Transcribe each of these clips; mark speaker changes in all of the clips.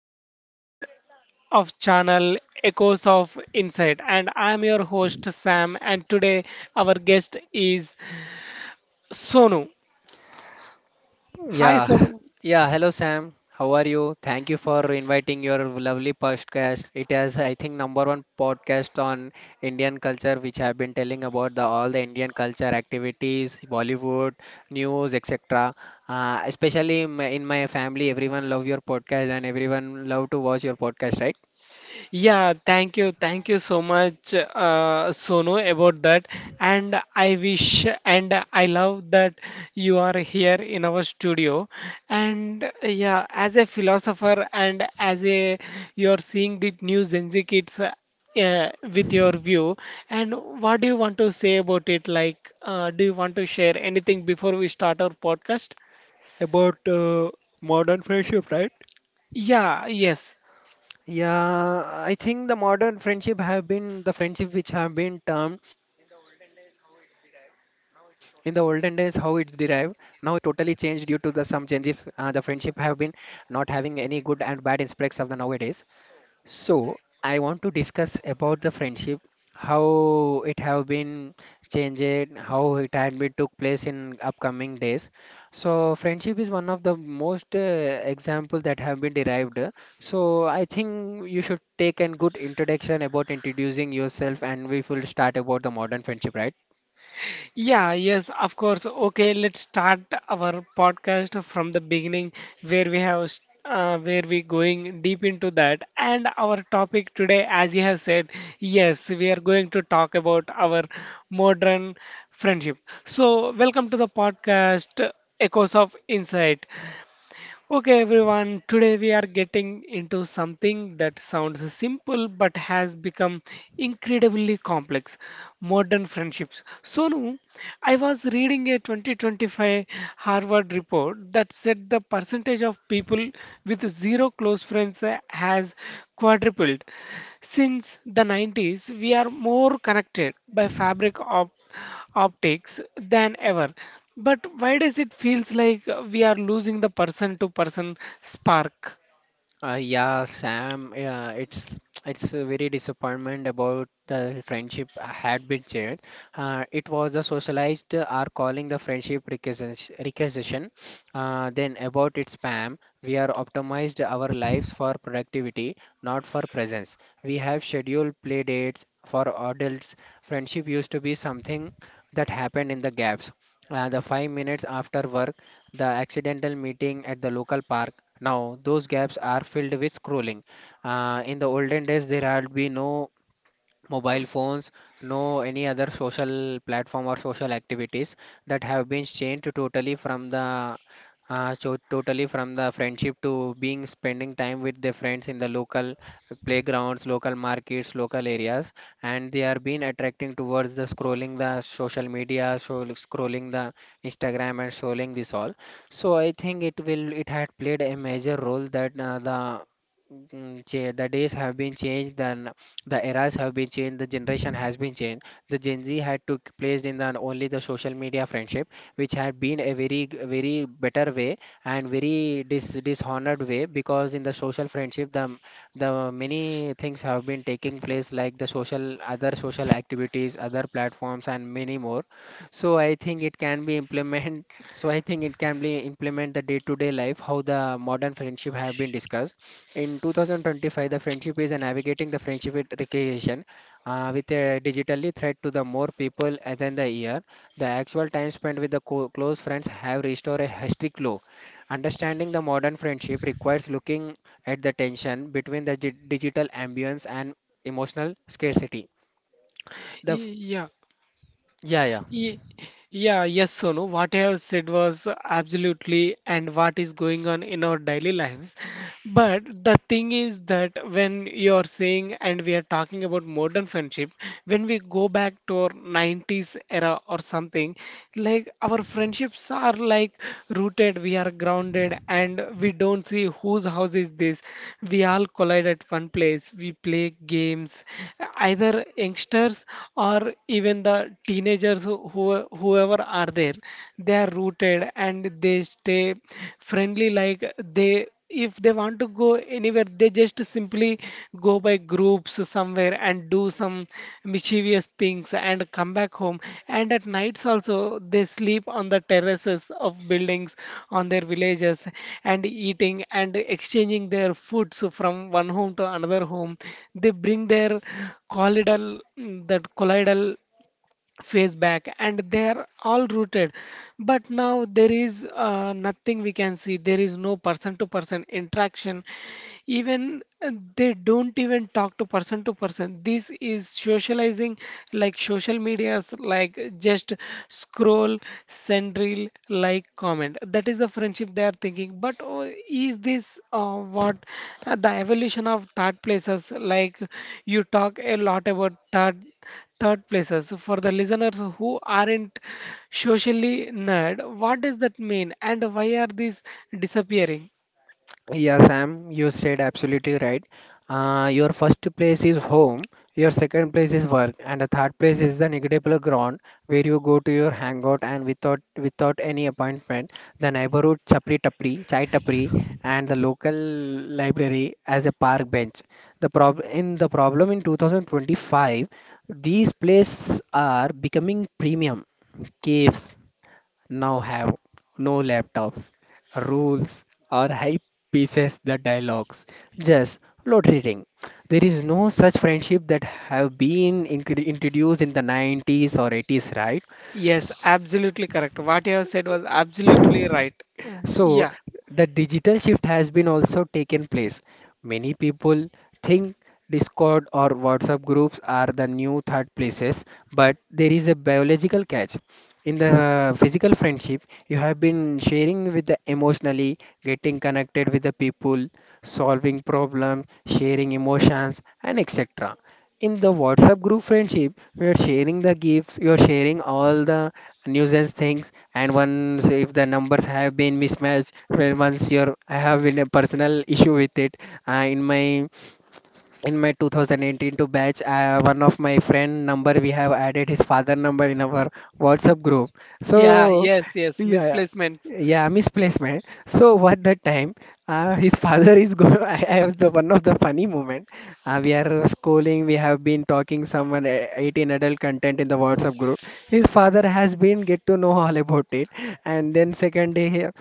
Speaker 1: podcast of channel Echoes of Insight, and I am your host Sam, and today our guest is Sonu. Hi,
Speaker 2: Yeah,
Speaker 1: Sonu.
Speaker 2: yeah. Hello, Sam. How are you? Thank you for inviting your lovely podcast. It is, I think, number one podcast on Indian culture, which I've been telling about the all the Indian culture activities, Bollywood, news, etc. Especially in my family, everyone love your podcast and everyone love to watch your podcast, right?
Speaker 1: Yeah, thank you. Thank you so much, Sonu, about that. And I wish and I love that you are here in our studio. And yeah, as a philosopher and as a you're seeing the new Gen Z kids with your view. And what do you want to say about it? Like, do you want to share anything before we start our podcast?
Speaker 2: About modern friendship, right?
Speaker 1: Yeah, yes.
Speaker 2: Yeah, I think the modern friendship have been the friendship which have been termed in the olden days how it's derived. Now it's totally changed due to the some changes. The friendship have been not having any good and bad aspects of the nowadays. So I want to discuss about the friendship, how it have been changed, how it had been took place in upcoming days. So friendship is one of the most example that have been derived. So I think you should take a good introduction about introducing yourself, and we will start about the modern friendship, right?
Speaker 1: Yeah, yes, of course. Okay, let's start our podcast from the beginning where where we going deep into that. And our topic today, as you have said, yes, we are going to talk about our modern friendship. So, welcome to the podcast Echoes of Insight. Okay, everyone, today we are getting into something that sounds simple but has become incredibly complex modern friendships. Sonu, I was reading a 2025 Harvard report that said the percentage of people with zero close friends has quadrupled. Since the 90s, we are more connected by fabric of optics than ever. But why does it feels like we are losing the person to person spark?
Speaker 2: Yeah, Sam. Yeah, it's a very disappointment about the friendship I had been shared. It was a socialized are calling the friendship recursation. Then about its spam, we are optimized our lives for productivity, not for presence. We have scheduled play dates for adults. Friendship used to be something that happened in the gaps. The 5 minutes after work, the accidental meeting at the local park now, those gaps are filled with scrolling. In the olden days, there had been no mobile phones, no any other social platform or social activities that have been changed totally from the totally from the friendship to being spending time with their friends in the local playgrounds, local markets, local areas, and they are being attracting towards the scrolling the social media, so scrolling the Instagram and scrolling this all. So I think it will it had played a major role that the days have been changed, then the eras have been changed, the generation has been changed, the Gen Z had took place in the only the social media friendship, which had been a very better way and dishonored way because in the social friendship the many things have been taking place like the social, other social activities, other platforms, and many more. So I think it can be implemented, so I think it can be implement the day-to-day life how the modern friendship have been discussed. In 2025, the friendship is navigating the friendship with recreation, with a digitally threat to the more people than the year. The actual time spent with the close friends have restored a historic low. Understanding the modern friendship requires looking at the tension between the digital ambience and emotional scarcity. The f-
Speaker 1: Yeah.
Speaker 2: yeah yeah.
Speaker 1: Ye- Yeah, yes, Sonu. What I have said was absolutely, and what is going on in our daily lives. But the thing is that when you're saying and we are talking about modern friendship, when we go back to our 90s era or something, like our friendships are like rooted, we are grounded, and we don't see whose house is this. We all collide at one place, we play games, either youngsters or even the teenagers whoever are there, they are rooted and they stay friendly like they, if they want to go anywhere, they just simply go by groups somewhere and do some mischievous things and come back home. And at nights also, they sleep on the terraces of buildings on their villages and eating and exchanging their foods from one home to another home. They bring their colloidal, that colloidal face back and they're all rooted, but now there is nothing we can see. There is no person to person interaction. Even they don't even talk to person to person. This is socializing like social medias, like just scroll, send reel, like comment. That is the friendship they are thinking. But oh, is this what the evolution of third places? Like, you talk a lot about third places. For the listeners who aren't socially nerd, what does that mean, and why are these disappearing?
Speaker 2: Yeah, Sam, you said absolutely right. Your first place is home, your second place is work, and the third place is the negligible ground where you go to your hangout and without any appointment, the neighborhood chapri tapri, chai tapri, and the local library as a park bench. The prob in the problem in 2025, these places are becoming premium caves now have no laptops, rules, or hype pieces the dialogues, just lottery ring. There is no such friendship that have been introduced in the 90s or 80s, right?
Speaker 1: Yes, absolutely correct. What you have said was absolutely right.
Speaker 2: So
Speaker 1: Yeah,
Speaker 2: the digital shift has been also taken place. Many people think Discord or WhatsApp groups are the new third places, but there is a biological catch. In the physical friendship, you have been sharing with the emotionally, getting connected with the people, solving problems, sharing emotions, and etc. In the WhatsApp group friendship, we are sharing the gifts, you are sharing all the news and things, and once if the numbers have been mismatched, well, once your I have been a personal issue with it uh, in my in my 2018 to batch, one of my friend number we have added his father number in our WhatsApp group. So
Speaker 1: yeah, yes, yes,
Speaker 2: yeah,
Speaker 1: misplacements.
Speaker 2: yeah, misplacement. So what that time, his father is go I have the one of the funny moment. We are schooling, we have been talking someone 18 adult content in the WhatsApp group. His father has been get to know all about it, and then second day he-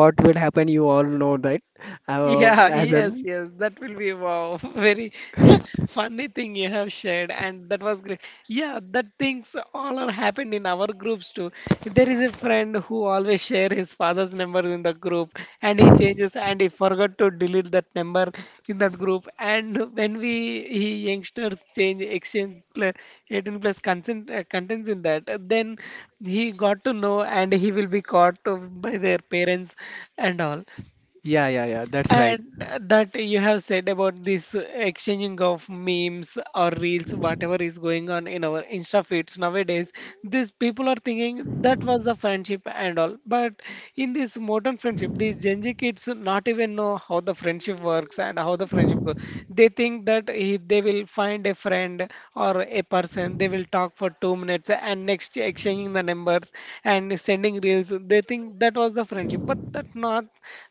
Speaker 2: what will happen you all know that. Uh,
Speaker 1: Yeah,
Speaker 2: as an
Speaker 1: yes, yes, that will be wow, very funny thing you have shared, and that was great. Yeah, that things all are happened in our groups too. There is a friend who always share his father's number in the group. Group and he changes and he forgot to delete that number in that group. And when we he youngsters change exchange 18 plus consent contents in that then he got to know and he will be caught by their parents and all.
Speaker 2: yeah yeah yeah that's right.
Speaker 1: And that you have said about this exchanging of memes or reels, whatever is going on in our Insta feeds nowadays, these people are thinking that was the friendship and all. But in this modern friendship, these Gen Z kids not even know how the friendship works and how the friendship goes. They think that he, they will find a friend or a person, they will talk for 2 minutes and next exchanging the numbers and sending reels. They think that was the friendship, but that not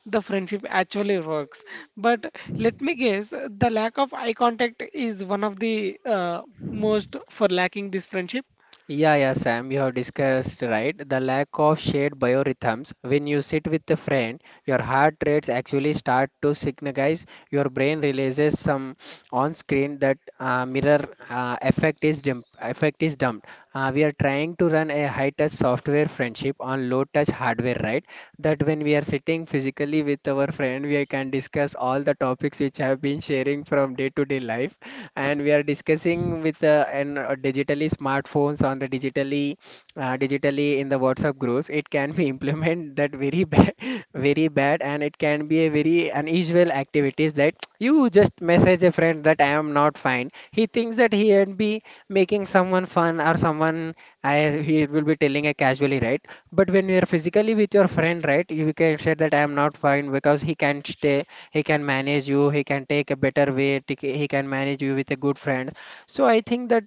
Speaker 1: the friendship actually works. But let me guess, the lack of eye contact is one of the most for lacking this friendship.
Speaker 2: Yeah, yeah, Sam, you have discussed, right? The lack of shared biorhythms. When you sit with a friend, your heart rates actually start to synchronize, your brain releases some on screen that mirror effect is dumped. We are trying to run a high touch software friendship on low touch hardware, right? That when we are sitting physically with our friend, we can discuss all the topics which have been sharing from day to day life, and we are discussing with and digitally smartphones on the digitally in the WhatsApp groups. It can be implement that that very bad very bad, and it can be a very unusual activities that you just message a friend that I am not fine, he thinks that he would be making someone fun or someone I he will be telling a casually, right? But when you are physically with your friend, right, you can say that I am not fine because he can stay, he can manage you, he can take a better way take- he can manage you with a good friend. So I think that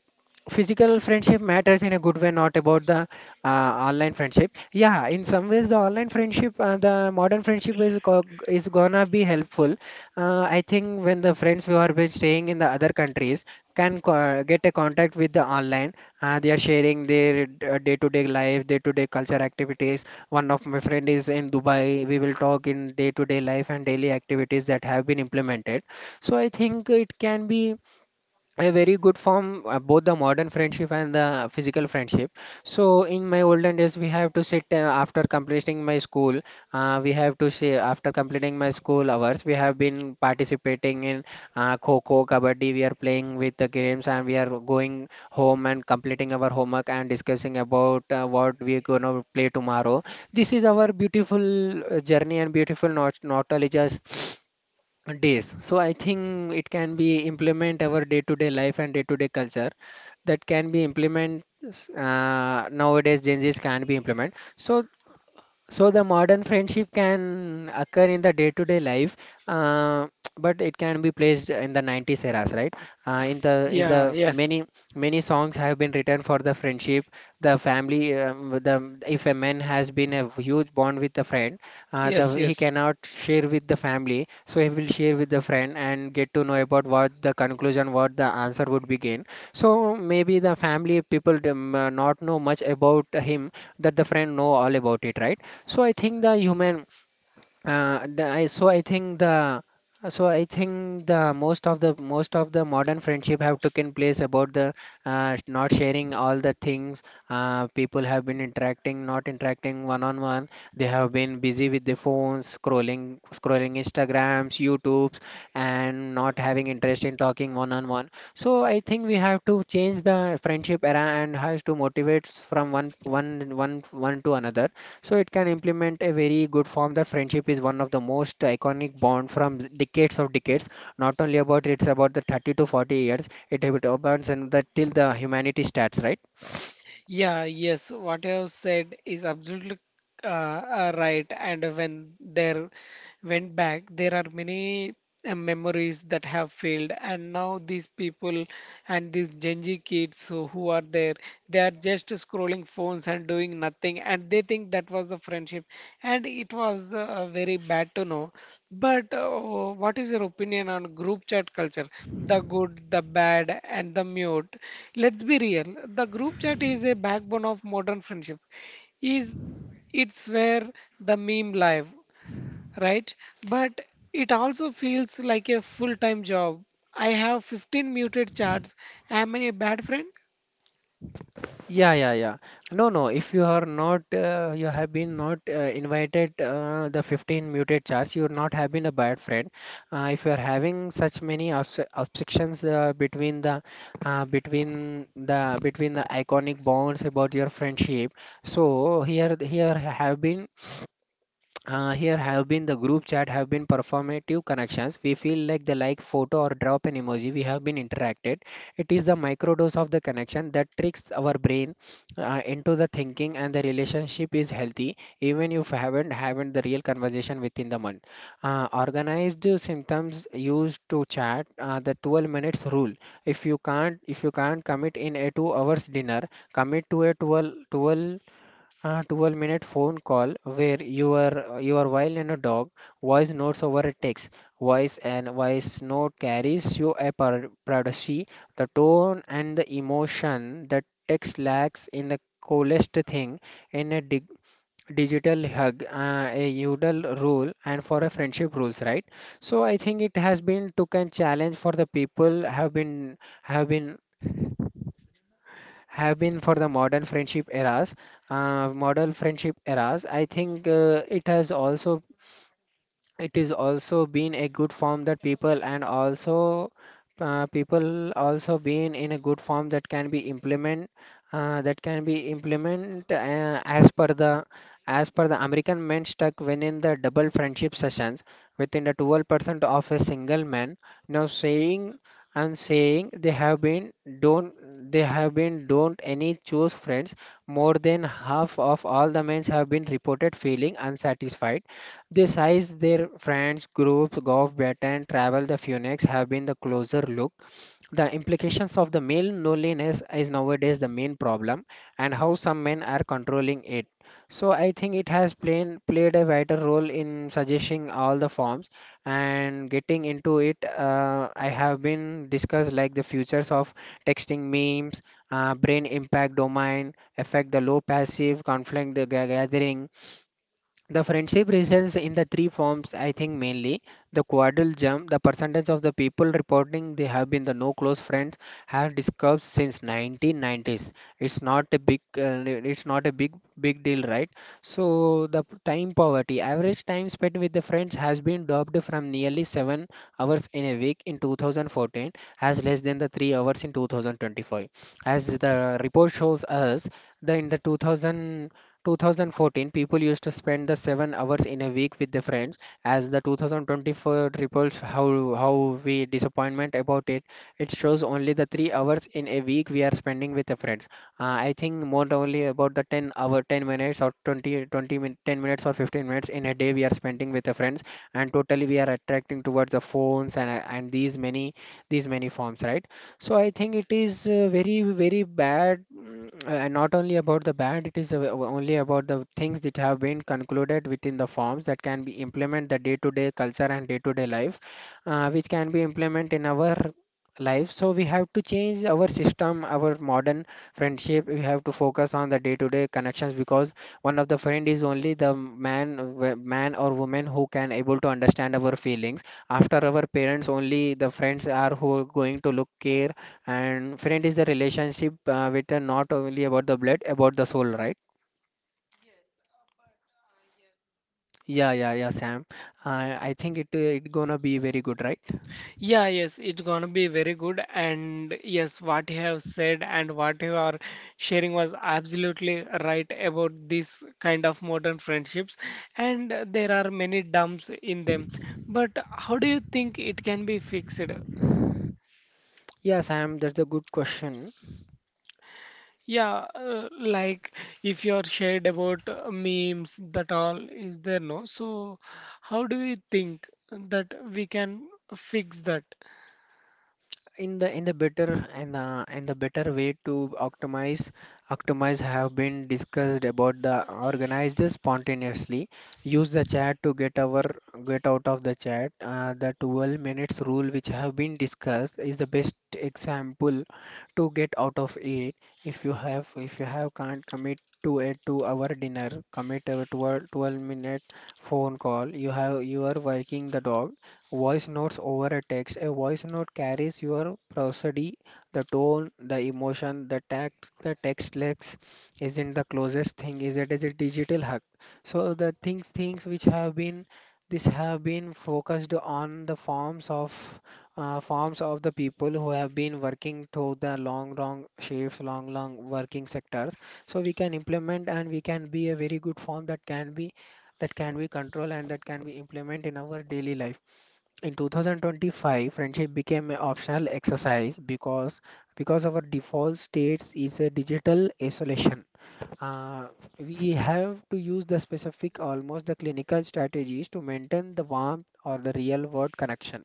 Speaker 2: physical friendship matters in a good way, not about the online friendship. Yeah, in some ways the online friendship, the modern friendship is gonna be helpful. I think when the friends who are been staying in the other countries can get a contact with the online, they are sharing their day-to-day life, day-to-day culture activities. One of my friend is in Dubai, we will talk in day-to-day life and daily activities that have been implemented. So I think it can be a very good form, both the modern friendship and the physical friendship. So in my olden days we have to sit after completing my school we have to say after completing my school hours we have been participating in kho kabaddi. We are playing with the games and we are going home and completing our homework and discussing about what we are going to play tomorrow. This is our beautiful journey and beautiful nostalgia days. So I think it can be implement our day-to-day life and day-to-day culture, that can be implement nowadays Gen Zs can be implement. So the modern friendship can occur in the day-to-day life, uh, but it can be placed in the 90s eras, right? Uh, in the in
Speaker 1: Yeah,
Speaker 2: the
Speaker 1: yes,
Speaker 2: many many songs have been written for the friendship, the family. The If a man has been a huge bond with a friend, the
Speaker 1: yes,
Speaker 2: he
Speaker 1: yes.
Speaker 2: cannot share with the family, so he will share with the friend and get to know about what the conclusion, what the answer would be gained. So maybe the family people not know much about him that the friend know all about it, right? So I think the human, the, I, so I think the, so I think the most of the modern friendship have taken place about the not sharing all the things. People have been interacting, not interacting one on one. They have been busy with their phones, scrolling, scrolling Instagrams, YouTubes, and not having interest in talking one on one. So I think we have to change the friendship era and has to motivate from one to another, so it can implement a very good form that friendship is one of the most iconic bond from decades of decades. Not only about it's about the 30 to 40 years it about, and that till the humanity starts, right?
Speaker 1: Yeah, yes, what you have said is absolutely right. And when there went back, there are many memories that have failed. And now these people and these Gen Z kids who are there, they are just scrolling phones and doing nothing. And they think that was the friendship. And it was very bad to know. But what is your opinion on group chat culture? The good, the bad, and the mute. Let's be real. The group chat is a backbone of modern friendship. Is it's where the meme live, right? But it also feels like a full-time job. I have 15 muted chats. Am I a bad friend?
Speaker 2: Yeah, yeah, yeah. No, no. If you are not, you have been not invited the 15 muted charge, you would not have been a bad friend. If you are having such many obstructions between the iconic bonds about your friendship, so here have been here have been the group chat have been performative connections. We feel like the like photo or drop an emoji. We have been interacted. It is the microdose of the connection that tricks our brain into the thinking and the relationship is healthy even if haven't the real conversation within the month. Organized symptoms used to chat the 12 minutes rule. If you can't commit in a 2 hours dinner, commit to a 12, twelve a 12-minute phone call where you are while in a dog, voice notes over a text. Voice and voice note carries you a privacy, the tone and the emotion that text lacks in the coolest thing in a digital hug, a yodel rule and for a friendship rules, right? So I think it has been took and challenge for the people have been have been have been for the modern friendship eras. Modern friendship eras, I think it has also, it is also been a good form that people, and also people also been in a good form that can be implement, as per the American men stuck within the double friendship sessions within the 12% of a single man now saying and saying they have been don't, any choose friends. More than half of all the men have been reported feeling unsatisfied. They size their friends, groups, golf bet and travel. The Phoenix have been the closer look. The implications of the male loneliness is nowadays the main problem and how some men are controlling it. So I think it has played a vital role in suggesting all the forms and getting into it. I have been discussed like the futures of texting memes, brain impact domain, affect the low passive conflict the gathering. The friendship results in the three forms, I think, mainly the quadrille jump. The percentage of the people reporting they have been the no close friends have discussed since 1990s. It's not a big, big deal, right? So the time poverty, average time spent with the friends has been dropped from nearly 7 hours in a week in 2014, as less than the 3 hours in 2025. As the report shows us, the in the 2000, 2014, people used to spend the 7 hours in a week with their friends. As the 2024 reports, how we disappointment about it, it shows only the 3 hours in a week we are spending with the friends. I think more only about the 10 hour, 10 minutes or 10 minutes or 15 minutes in a day we are spending with the friends, and totally we are attracting towards the phones, and these many forms, right? So I think it is very, very bad, mm, and not only about the bad, it is only about the things that have been concluded within the forms that can be implement the day-to-day culture and day-to-day life, which can be implement in our life. So we have to change our system, our modern friendship. We have to focus on the day-to-day connections because one of the friend is only the man, man or woman who can able to understand our feelings. After our parents, only the friends are who are going to look care, and friend is the relationship with the not only about the blood, about the soul, right? Yeah, yeah, yeah, Sam, I think it gonna be very good, right?
Speaker 1: Yeah, yes, it's gonna be very good. And yes, what you have said and what you are sharing was absolutely right about this kind of modern friendships. And there are many dumps in them. But how do you think it can be fixed?
Speaker 2: Yeah, Sam, that's a good question.
Speaker 1: Yeah, like if you are shared about memes, that all is there, no? So, how do you think that we can fix that?
Speaker 2: In the better, and the better way to optimize optimize have been discussed about the organized spontaneously, use the chat to get our, get out of the chat, the 12 minutes rule which have been discussed is the best example to get out of it. If you have if you have can't commit to a 2 hour dinner, commit a 12, 12-minute phone call. You have you are working the dog. Voice notes over a text. A voice note carries your prosody, the tone, the emotion, the tact, the text lex isn't the closest thing, is it is a digital hug. So the things which have been, this have been focused on the forms of, forms of the people who have been working through the long long shifts, long long working sectors. So we can implement and we can be a very good form that can be, that can be controlled and that can be implemented in our daily life. In 2025 friendship became an optional exercise because our default states is a digital isolation. uh, we have to use the specific, almost the clinical strategies to maintain the warmth or the real world connection.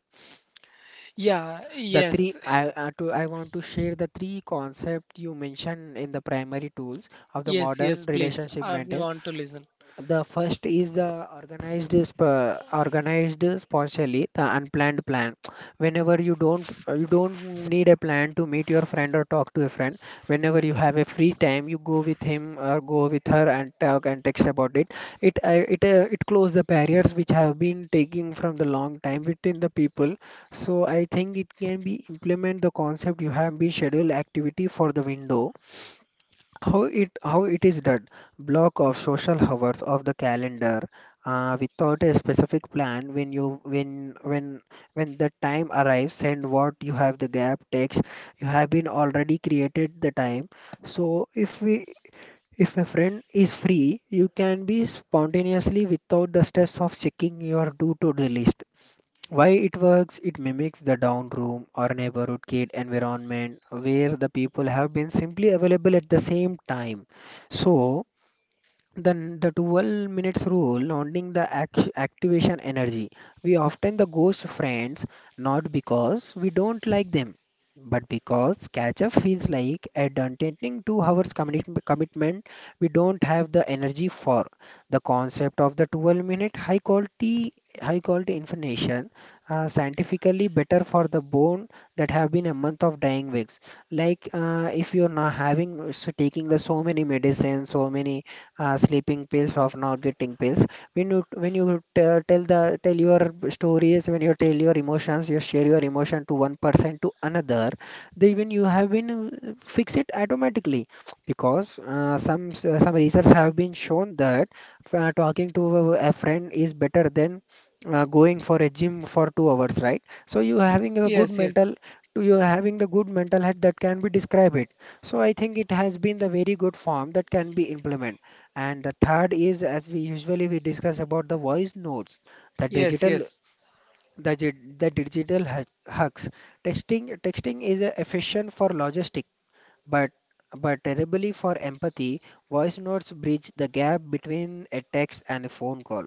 Speaker 1: Yeah,
Speaker 2: The three
Speaker 1: yes,
Speaker 2: I, to, I want to share the three concepts you mentioned in the primary tools of the
Speaker 1: yes, yes,
Speaker 2: modern
Speaker 1: please.
Speaker 2: relationship
Speaker 1: We
Speaker 2: maintenance.
Speaker 1: want to listen.
Speaker 2: The first is the organized sponsorly, the unplanned plan. Whenever you don't, you don't need a plan to meet your friend or talk to a friend. Whenever you have a free time, you go with him or go with her and talk and text about it. It close the barriers which have been taking from the long time between the people. So I think it can be implement. The concept you have been schedule activity for the window, how it is done, block of social hours of the calendar, without a specific plan. When you when the time arrives and what you have the gap takes, you have been already created the time. So if we, if a friend is free, you can be spontaneously without the stress of checking your due to do list. Why it works? It mimics the down room or neighborhood kid environment where the people have been simply available at the same time. So then the 12 minutes rule, holding the activation energy. We often the ghost friends not because we don't like them, but because catch up feels like a attending 2 hours commitment we don't have the energy for. The concept of the 12-minute high quality, high quality information, scientifically better for the bone that have been a month of dying weeks. Like if you're not having so taking the so many medicines, so many sleeping pills of not getting pills, when you, when you tell the tell your stories, when you tell your emotions, you share your emotion to one person to another, they, when you have been fix it automatically because some research have been shown that talking to a friend is better than going for a gym for 2 hours, right? So you having a good
Speaker 1: Yes, yes,
Speaker 2: mental, to you having the good mental health that can be describe it. So I think it has been the very good form that can be implemented. And the third is, as we usually we discuss about the voice notes, the
Speaker 1: yes,
Speaker 2: digital,
Speaker 1: yes.
Speaker 2: the hacks. Texting is efficient for logistics. But terribly for empathy, voice notes bridge the gap between a text and a phone call.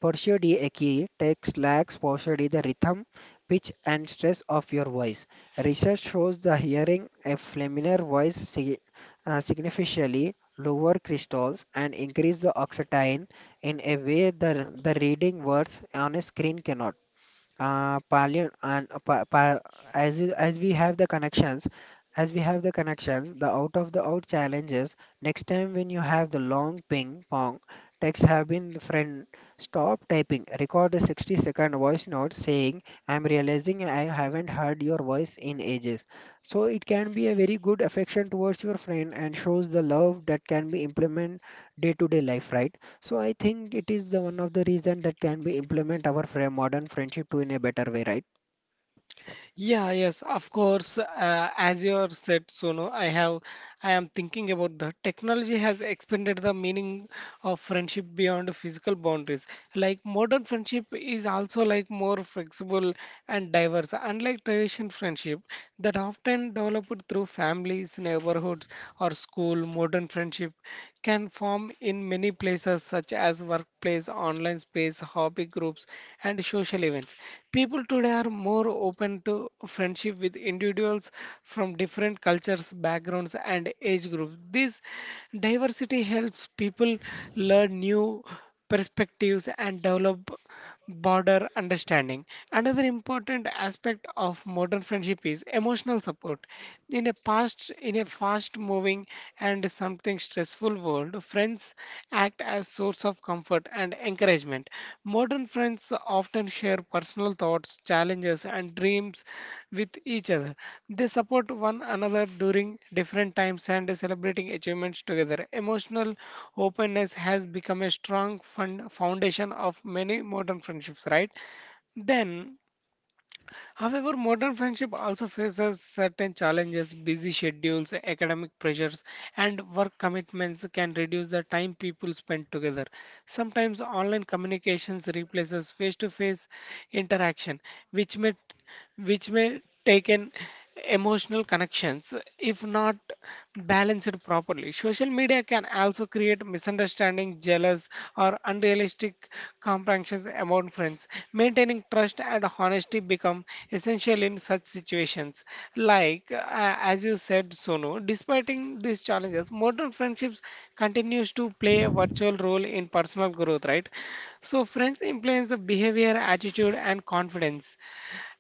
Speaker 2: Partially a key, text lacks partially the rhythm, pitch, and stress of your voice. Research shows the hearing a familiar voice significantly lower crystals and increase the oxytocin in a way the reading words on a screen cannot parallel and pa pa as as we have the connections, as we have the connections the out of the out challenges. Next time when you have the long ping pong texts have been the friend, stop typing, record a 60-second voice note saying, "I'm realizing I haven't heard your voice in ages." So it can be a very good affection towards your friend and shows the love that can be implement day to day life, right? So I think it is the one of the reason that can be implement our modern friendship to in a better way, right?
Speaker 1: Yeah, yes, of course. As you have said, Sonu, I am thinking about the technology has expanded the meaning of friendship beyond physical boundaries. Like modern friendship is also like more flexible and diverse, unlike traditional friendship that often developed through families, neighborhoods, or school. Modern friendship can form in many places such as workplace, online space, hobby groups, and social events. People today are more open to friendship with individuals from different cultures, backgrounds, and age groups. This diversity helps people learn new perspectives and develop border understanding. Another important aspect of modern friendship is emotional support. In a past, in a fast-moving and something stressful world, friends act as source of comfort and encouragement. Modern friends often share personal thoughts, challenges, and dreams with each other. They support one another during different times and celebrating achievements together. Emotional openness has become a strong fund foundation of many modern friendships, right? Then however, modern friendship also faces certain challenges. Busy schedules, academic pressures, and work commitments can reduce the time people spend together. Sometimes online communications replaces face-to-face interaction, which may which may take an emotional connections if not balanced properly. Social media can also create misunderstanding, jealous, or unrealistic comparisons among friends. Maintaining trust and honesty become essential in such situations. Like as you said, Sonu, despite these challenges, modern friendships continues to play a virtual role in personal growth, right? So friends influence the behavior, attitude, and confidence.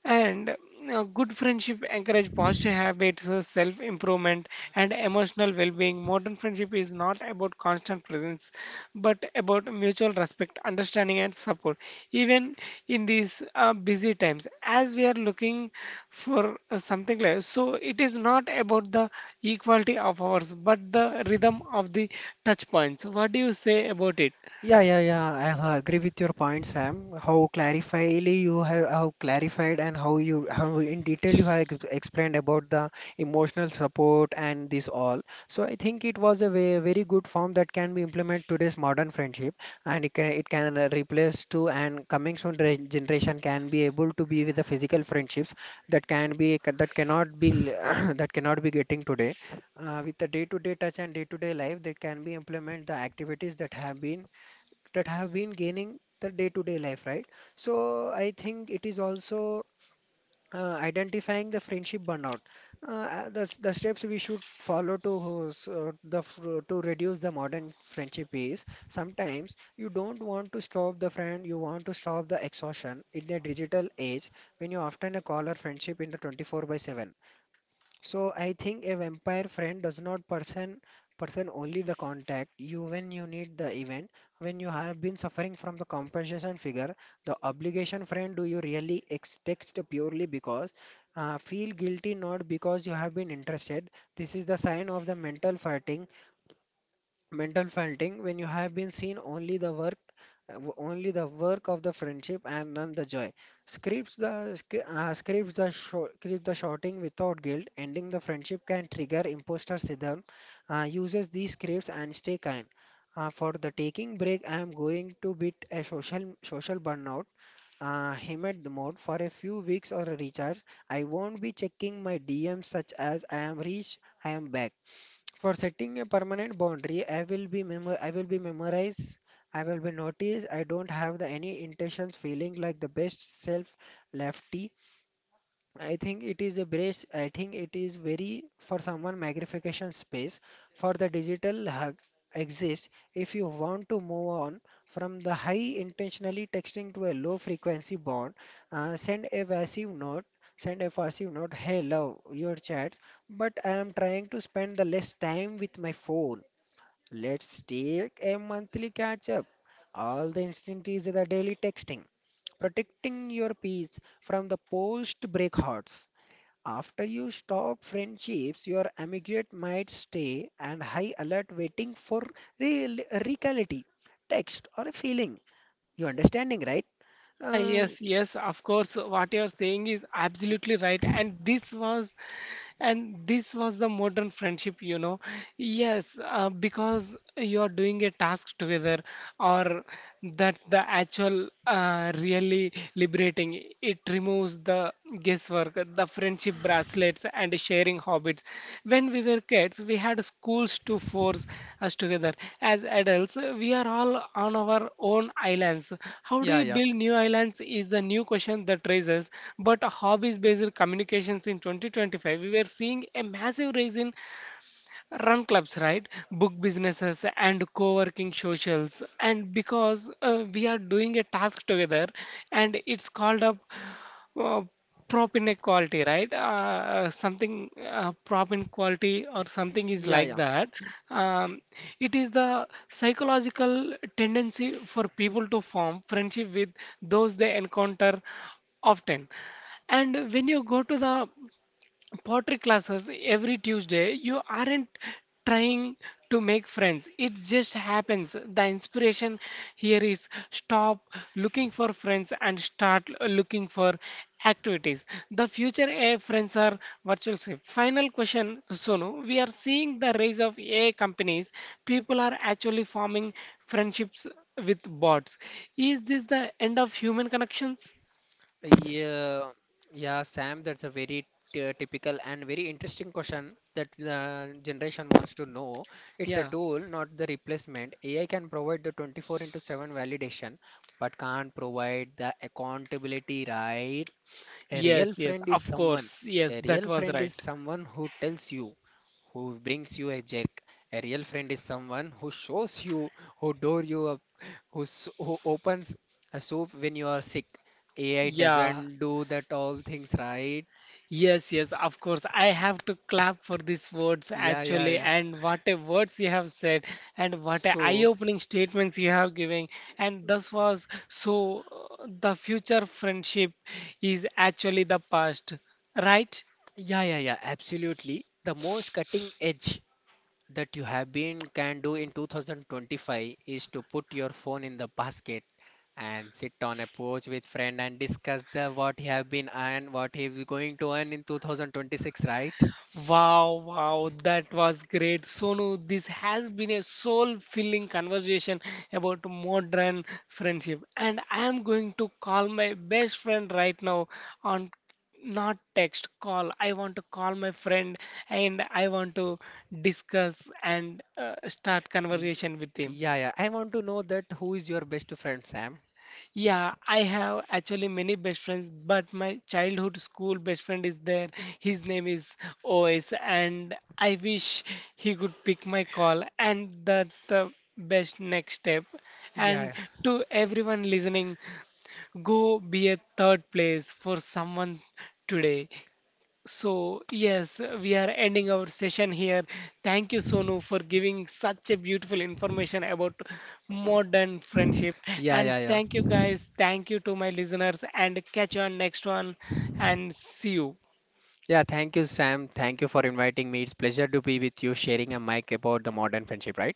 Speaker 1: And good friendship encourage positive habits, self-improvement, and emotional well-being. Modern friendship is not about constant presence, but about mutual respect, understanding, and support. Even in these busy times, as we are looking for something like so, it is not about the equality of hours, but the rhythm of the touch points. What do you say about it?
Speaker 2: Yeah, yeah, yeah. Agree with your point, Sam. How clarified and how you how in detail you have explained about the emotional support and this all. So I think it was a very good form that can be implemented today's modern friendship, and it can replace to, and coming soon generation can be able to be with the physical friendships that can be, that cannot be l- that cannot be getting today. With the day-to-day touch and day-to-day life, that can be implement the activities that have been, that have been gaining the day-to-day life, right? So I think it is also identifying the friendship burnout. The steps we should follow to to reduce the modern friendship is, sometimes you don't want to stop the friend, you want to stop the exhaustion in the digital age when you often a call or friendship in the 24 by 7. So I think a vampire friend does not person, only the contact you when you need the event, when you have been suffering from the compensation figure. The obligation friend, do you really text purely because feel guilty, not because you have been interested. This is the sign of the mental fighting, mental faulting when you have been seen only the work, only the work of the friendship and none the joy. Scripts the scripts the script the shouting without guilt ending the friendship can trigger imposter syndrome. Uses these scripts and stay kind, for the taking break, I am going to beat a social social burnout, him mode for a few weeks or a recharge. I won't be checking my DMs such as I am rich. I am back for setting a permanent boundary. I will be memorize, I will be notice. I don't have the any intentions feeling like the best self lefty. I think it is a brace. I think it is very for someone magnification space for the digital hug exists. If you want to move on from the high intentionally texting to a low frequency bond, send a passive note, send a passive note, hey, love your chat but I am trying to spend the less time with my phone. Let's take a monthly catch up, all the instant is the daily texting, protecting your peace from the post break hearts. After you stop friendships, your immediate might stay and high alert waiting for real, reality, text or a feeling. You understanding, right?
Speaker 1: Yeah,
Speaker 2: Uh,
Speaker 1: yes, yes, of course. What you're saying is absolutely right. And this was the modern friendship, you know. Yes, because you're doing a task together, or that's the actual really liberating. It removes the guesswork homework, the friendship bracelets, and sharing hobbies. When we were kids, we had schools to force us together. As adults, we are all on our own islands. How do you build new islands is the new question that raises. But hobbies-based communications in 2025, we were seeing a massive rise in run clubs, right? Book businesses and co-working socials. And because we are doing a task together, and it's called up uh, prop inequality, right? Something prop inequality or something is
Speaker 2: yeah,
Speaker 1: like
Speaker 2: yeah,
Speaker 1: that. Um, it is the psychological tendency for people to form friendship with those they encounter often. And when you go to the pottery classes every Tuesday, you aren't trying to make friends. It just happens. The inspiration here is stop looking for friends and start looking for activities. The future AI friends are virtual safe. Final question, Sonu. We are seeing the rise of AI companies. People are actually forming friendships with bots. Is this the end of human connections?
Speaker 2: yeah, yeah, Sam. That's a very typical and very interesting question that the generation wants to know. It's a tool, not the replacement. AI can provide the 24 into 7 validation, but can't provide the accountability, right? A real
Speaker 1: Yes, yes,
Speaker 2: friend is
Speaker 1: of
Speaker 2: someone.
Speaker 1: course. Yes,
Speaker 2: A
Speaker 1: that
Speaker 2: real
Speaker 1: was
Speaker 2: friend
Speaker 1: right.
Speaker 2: is someone who tells you, who brings you a jerk. A real friend is someone who shows you, who door you up, who opens a soup when you are sick. AI
Speaker 1: Yeah,
Speaker 2: doesn't do that all things, right.
Speaker 1: yes, yes, of course. I have to clap for these words
Speaker 2: Yeah, yeah,
Speaker 1: actually,
Speaker 2: yeah.
Speaker 1: and what a words you have said, and what a
Speaker 2: So,
Speaker 1: eye-opening statements you have given. And this was so the future friendship is actually the past, right?
Speaker 2: yeah, yeah, yeah, absolutely. The most cutting edge that you have been can do in 2025 is to put your phone in the basket and sit on a porch with friend and discuss the what he have been earned, what he is going to earn in 2026, right?
Speaker 1: Wow, wow, that was great. Sonu, this has been a soul-filling conversation about modern friendship. And I am going to call my best friend right now on not text, call. I want to call my friend and I want to discuss and start
Speaker 2: Y-
Speaker 1: conversation with him.
Speaker 2: Yeah, yeah. I want to know that who is your best friend, Sam?
Speaker 1: Yeah, I have actually many best friends, but my childhood school best friend is there. His name is OS, and I wish he could pick my call, and that's the best next step. And
Speaker 2: Yeah,
Speaker 1: to everyone listening, go be a third place for someone today. So, yes, we are ending our session here. Thank you, Sonu, for giving such a beautiful information about modern friendship.
Speaker 2: yeah,
Speaker 1: And
Speaker 2: yeah, yeah.
Speaker 1: thank you, guys. Thank you to my listeners. And catch you on next one. And see you.
Speaker 2: Yeah, thank you, Sam. Thank you for inviting me. It's pleasure to be with you, sharing a mic about the modern friendship, right?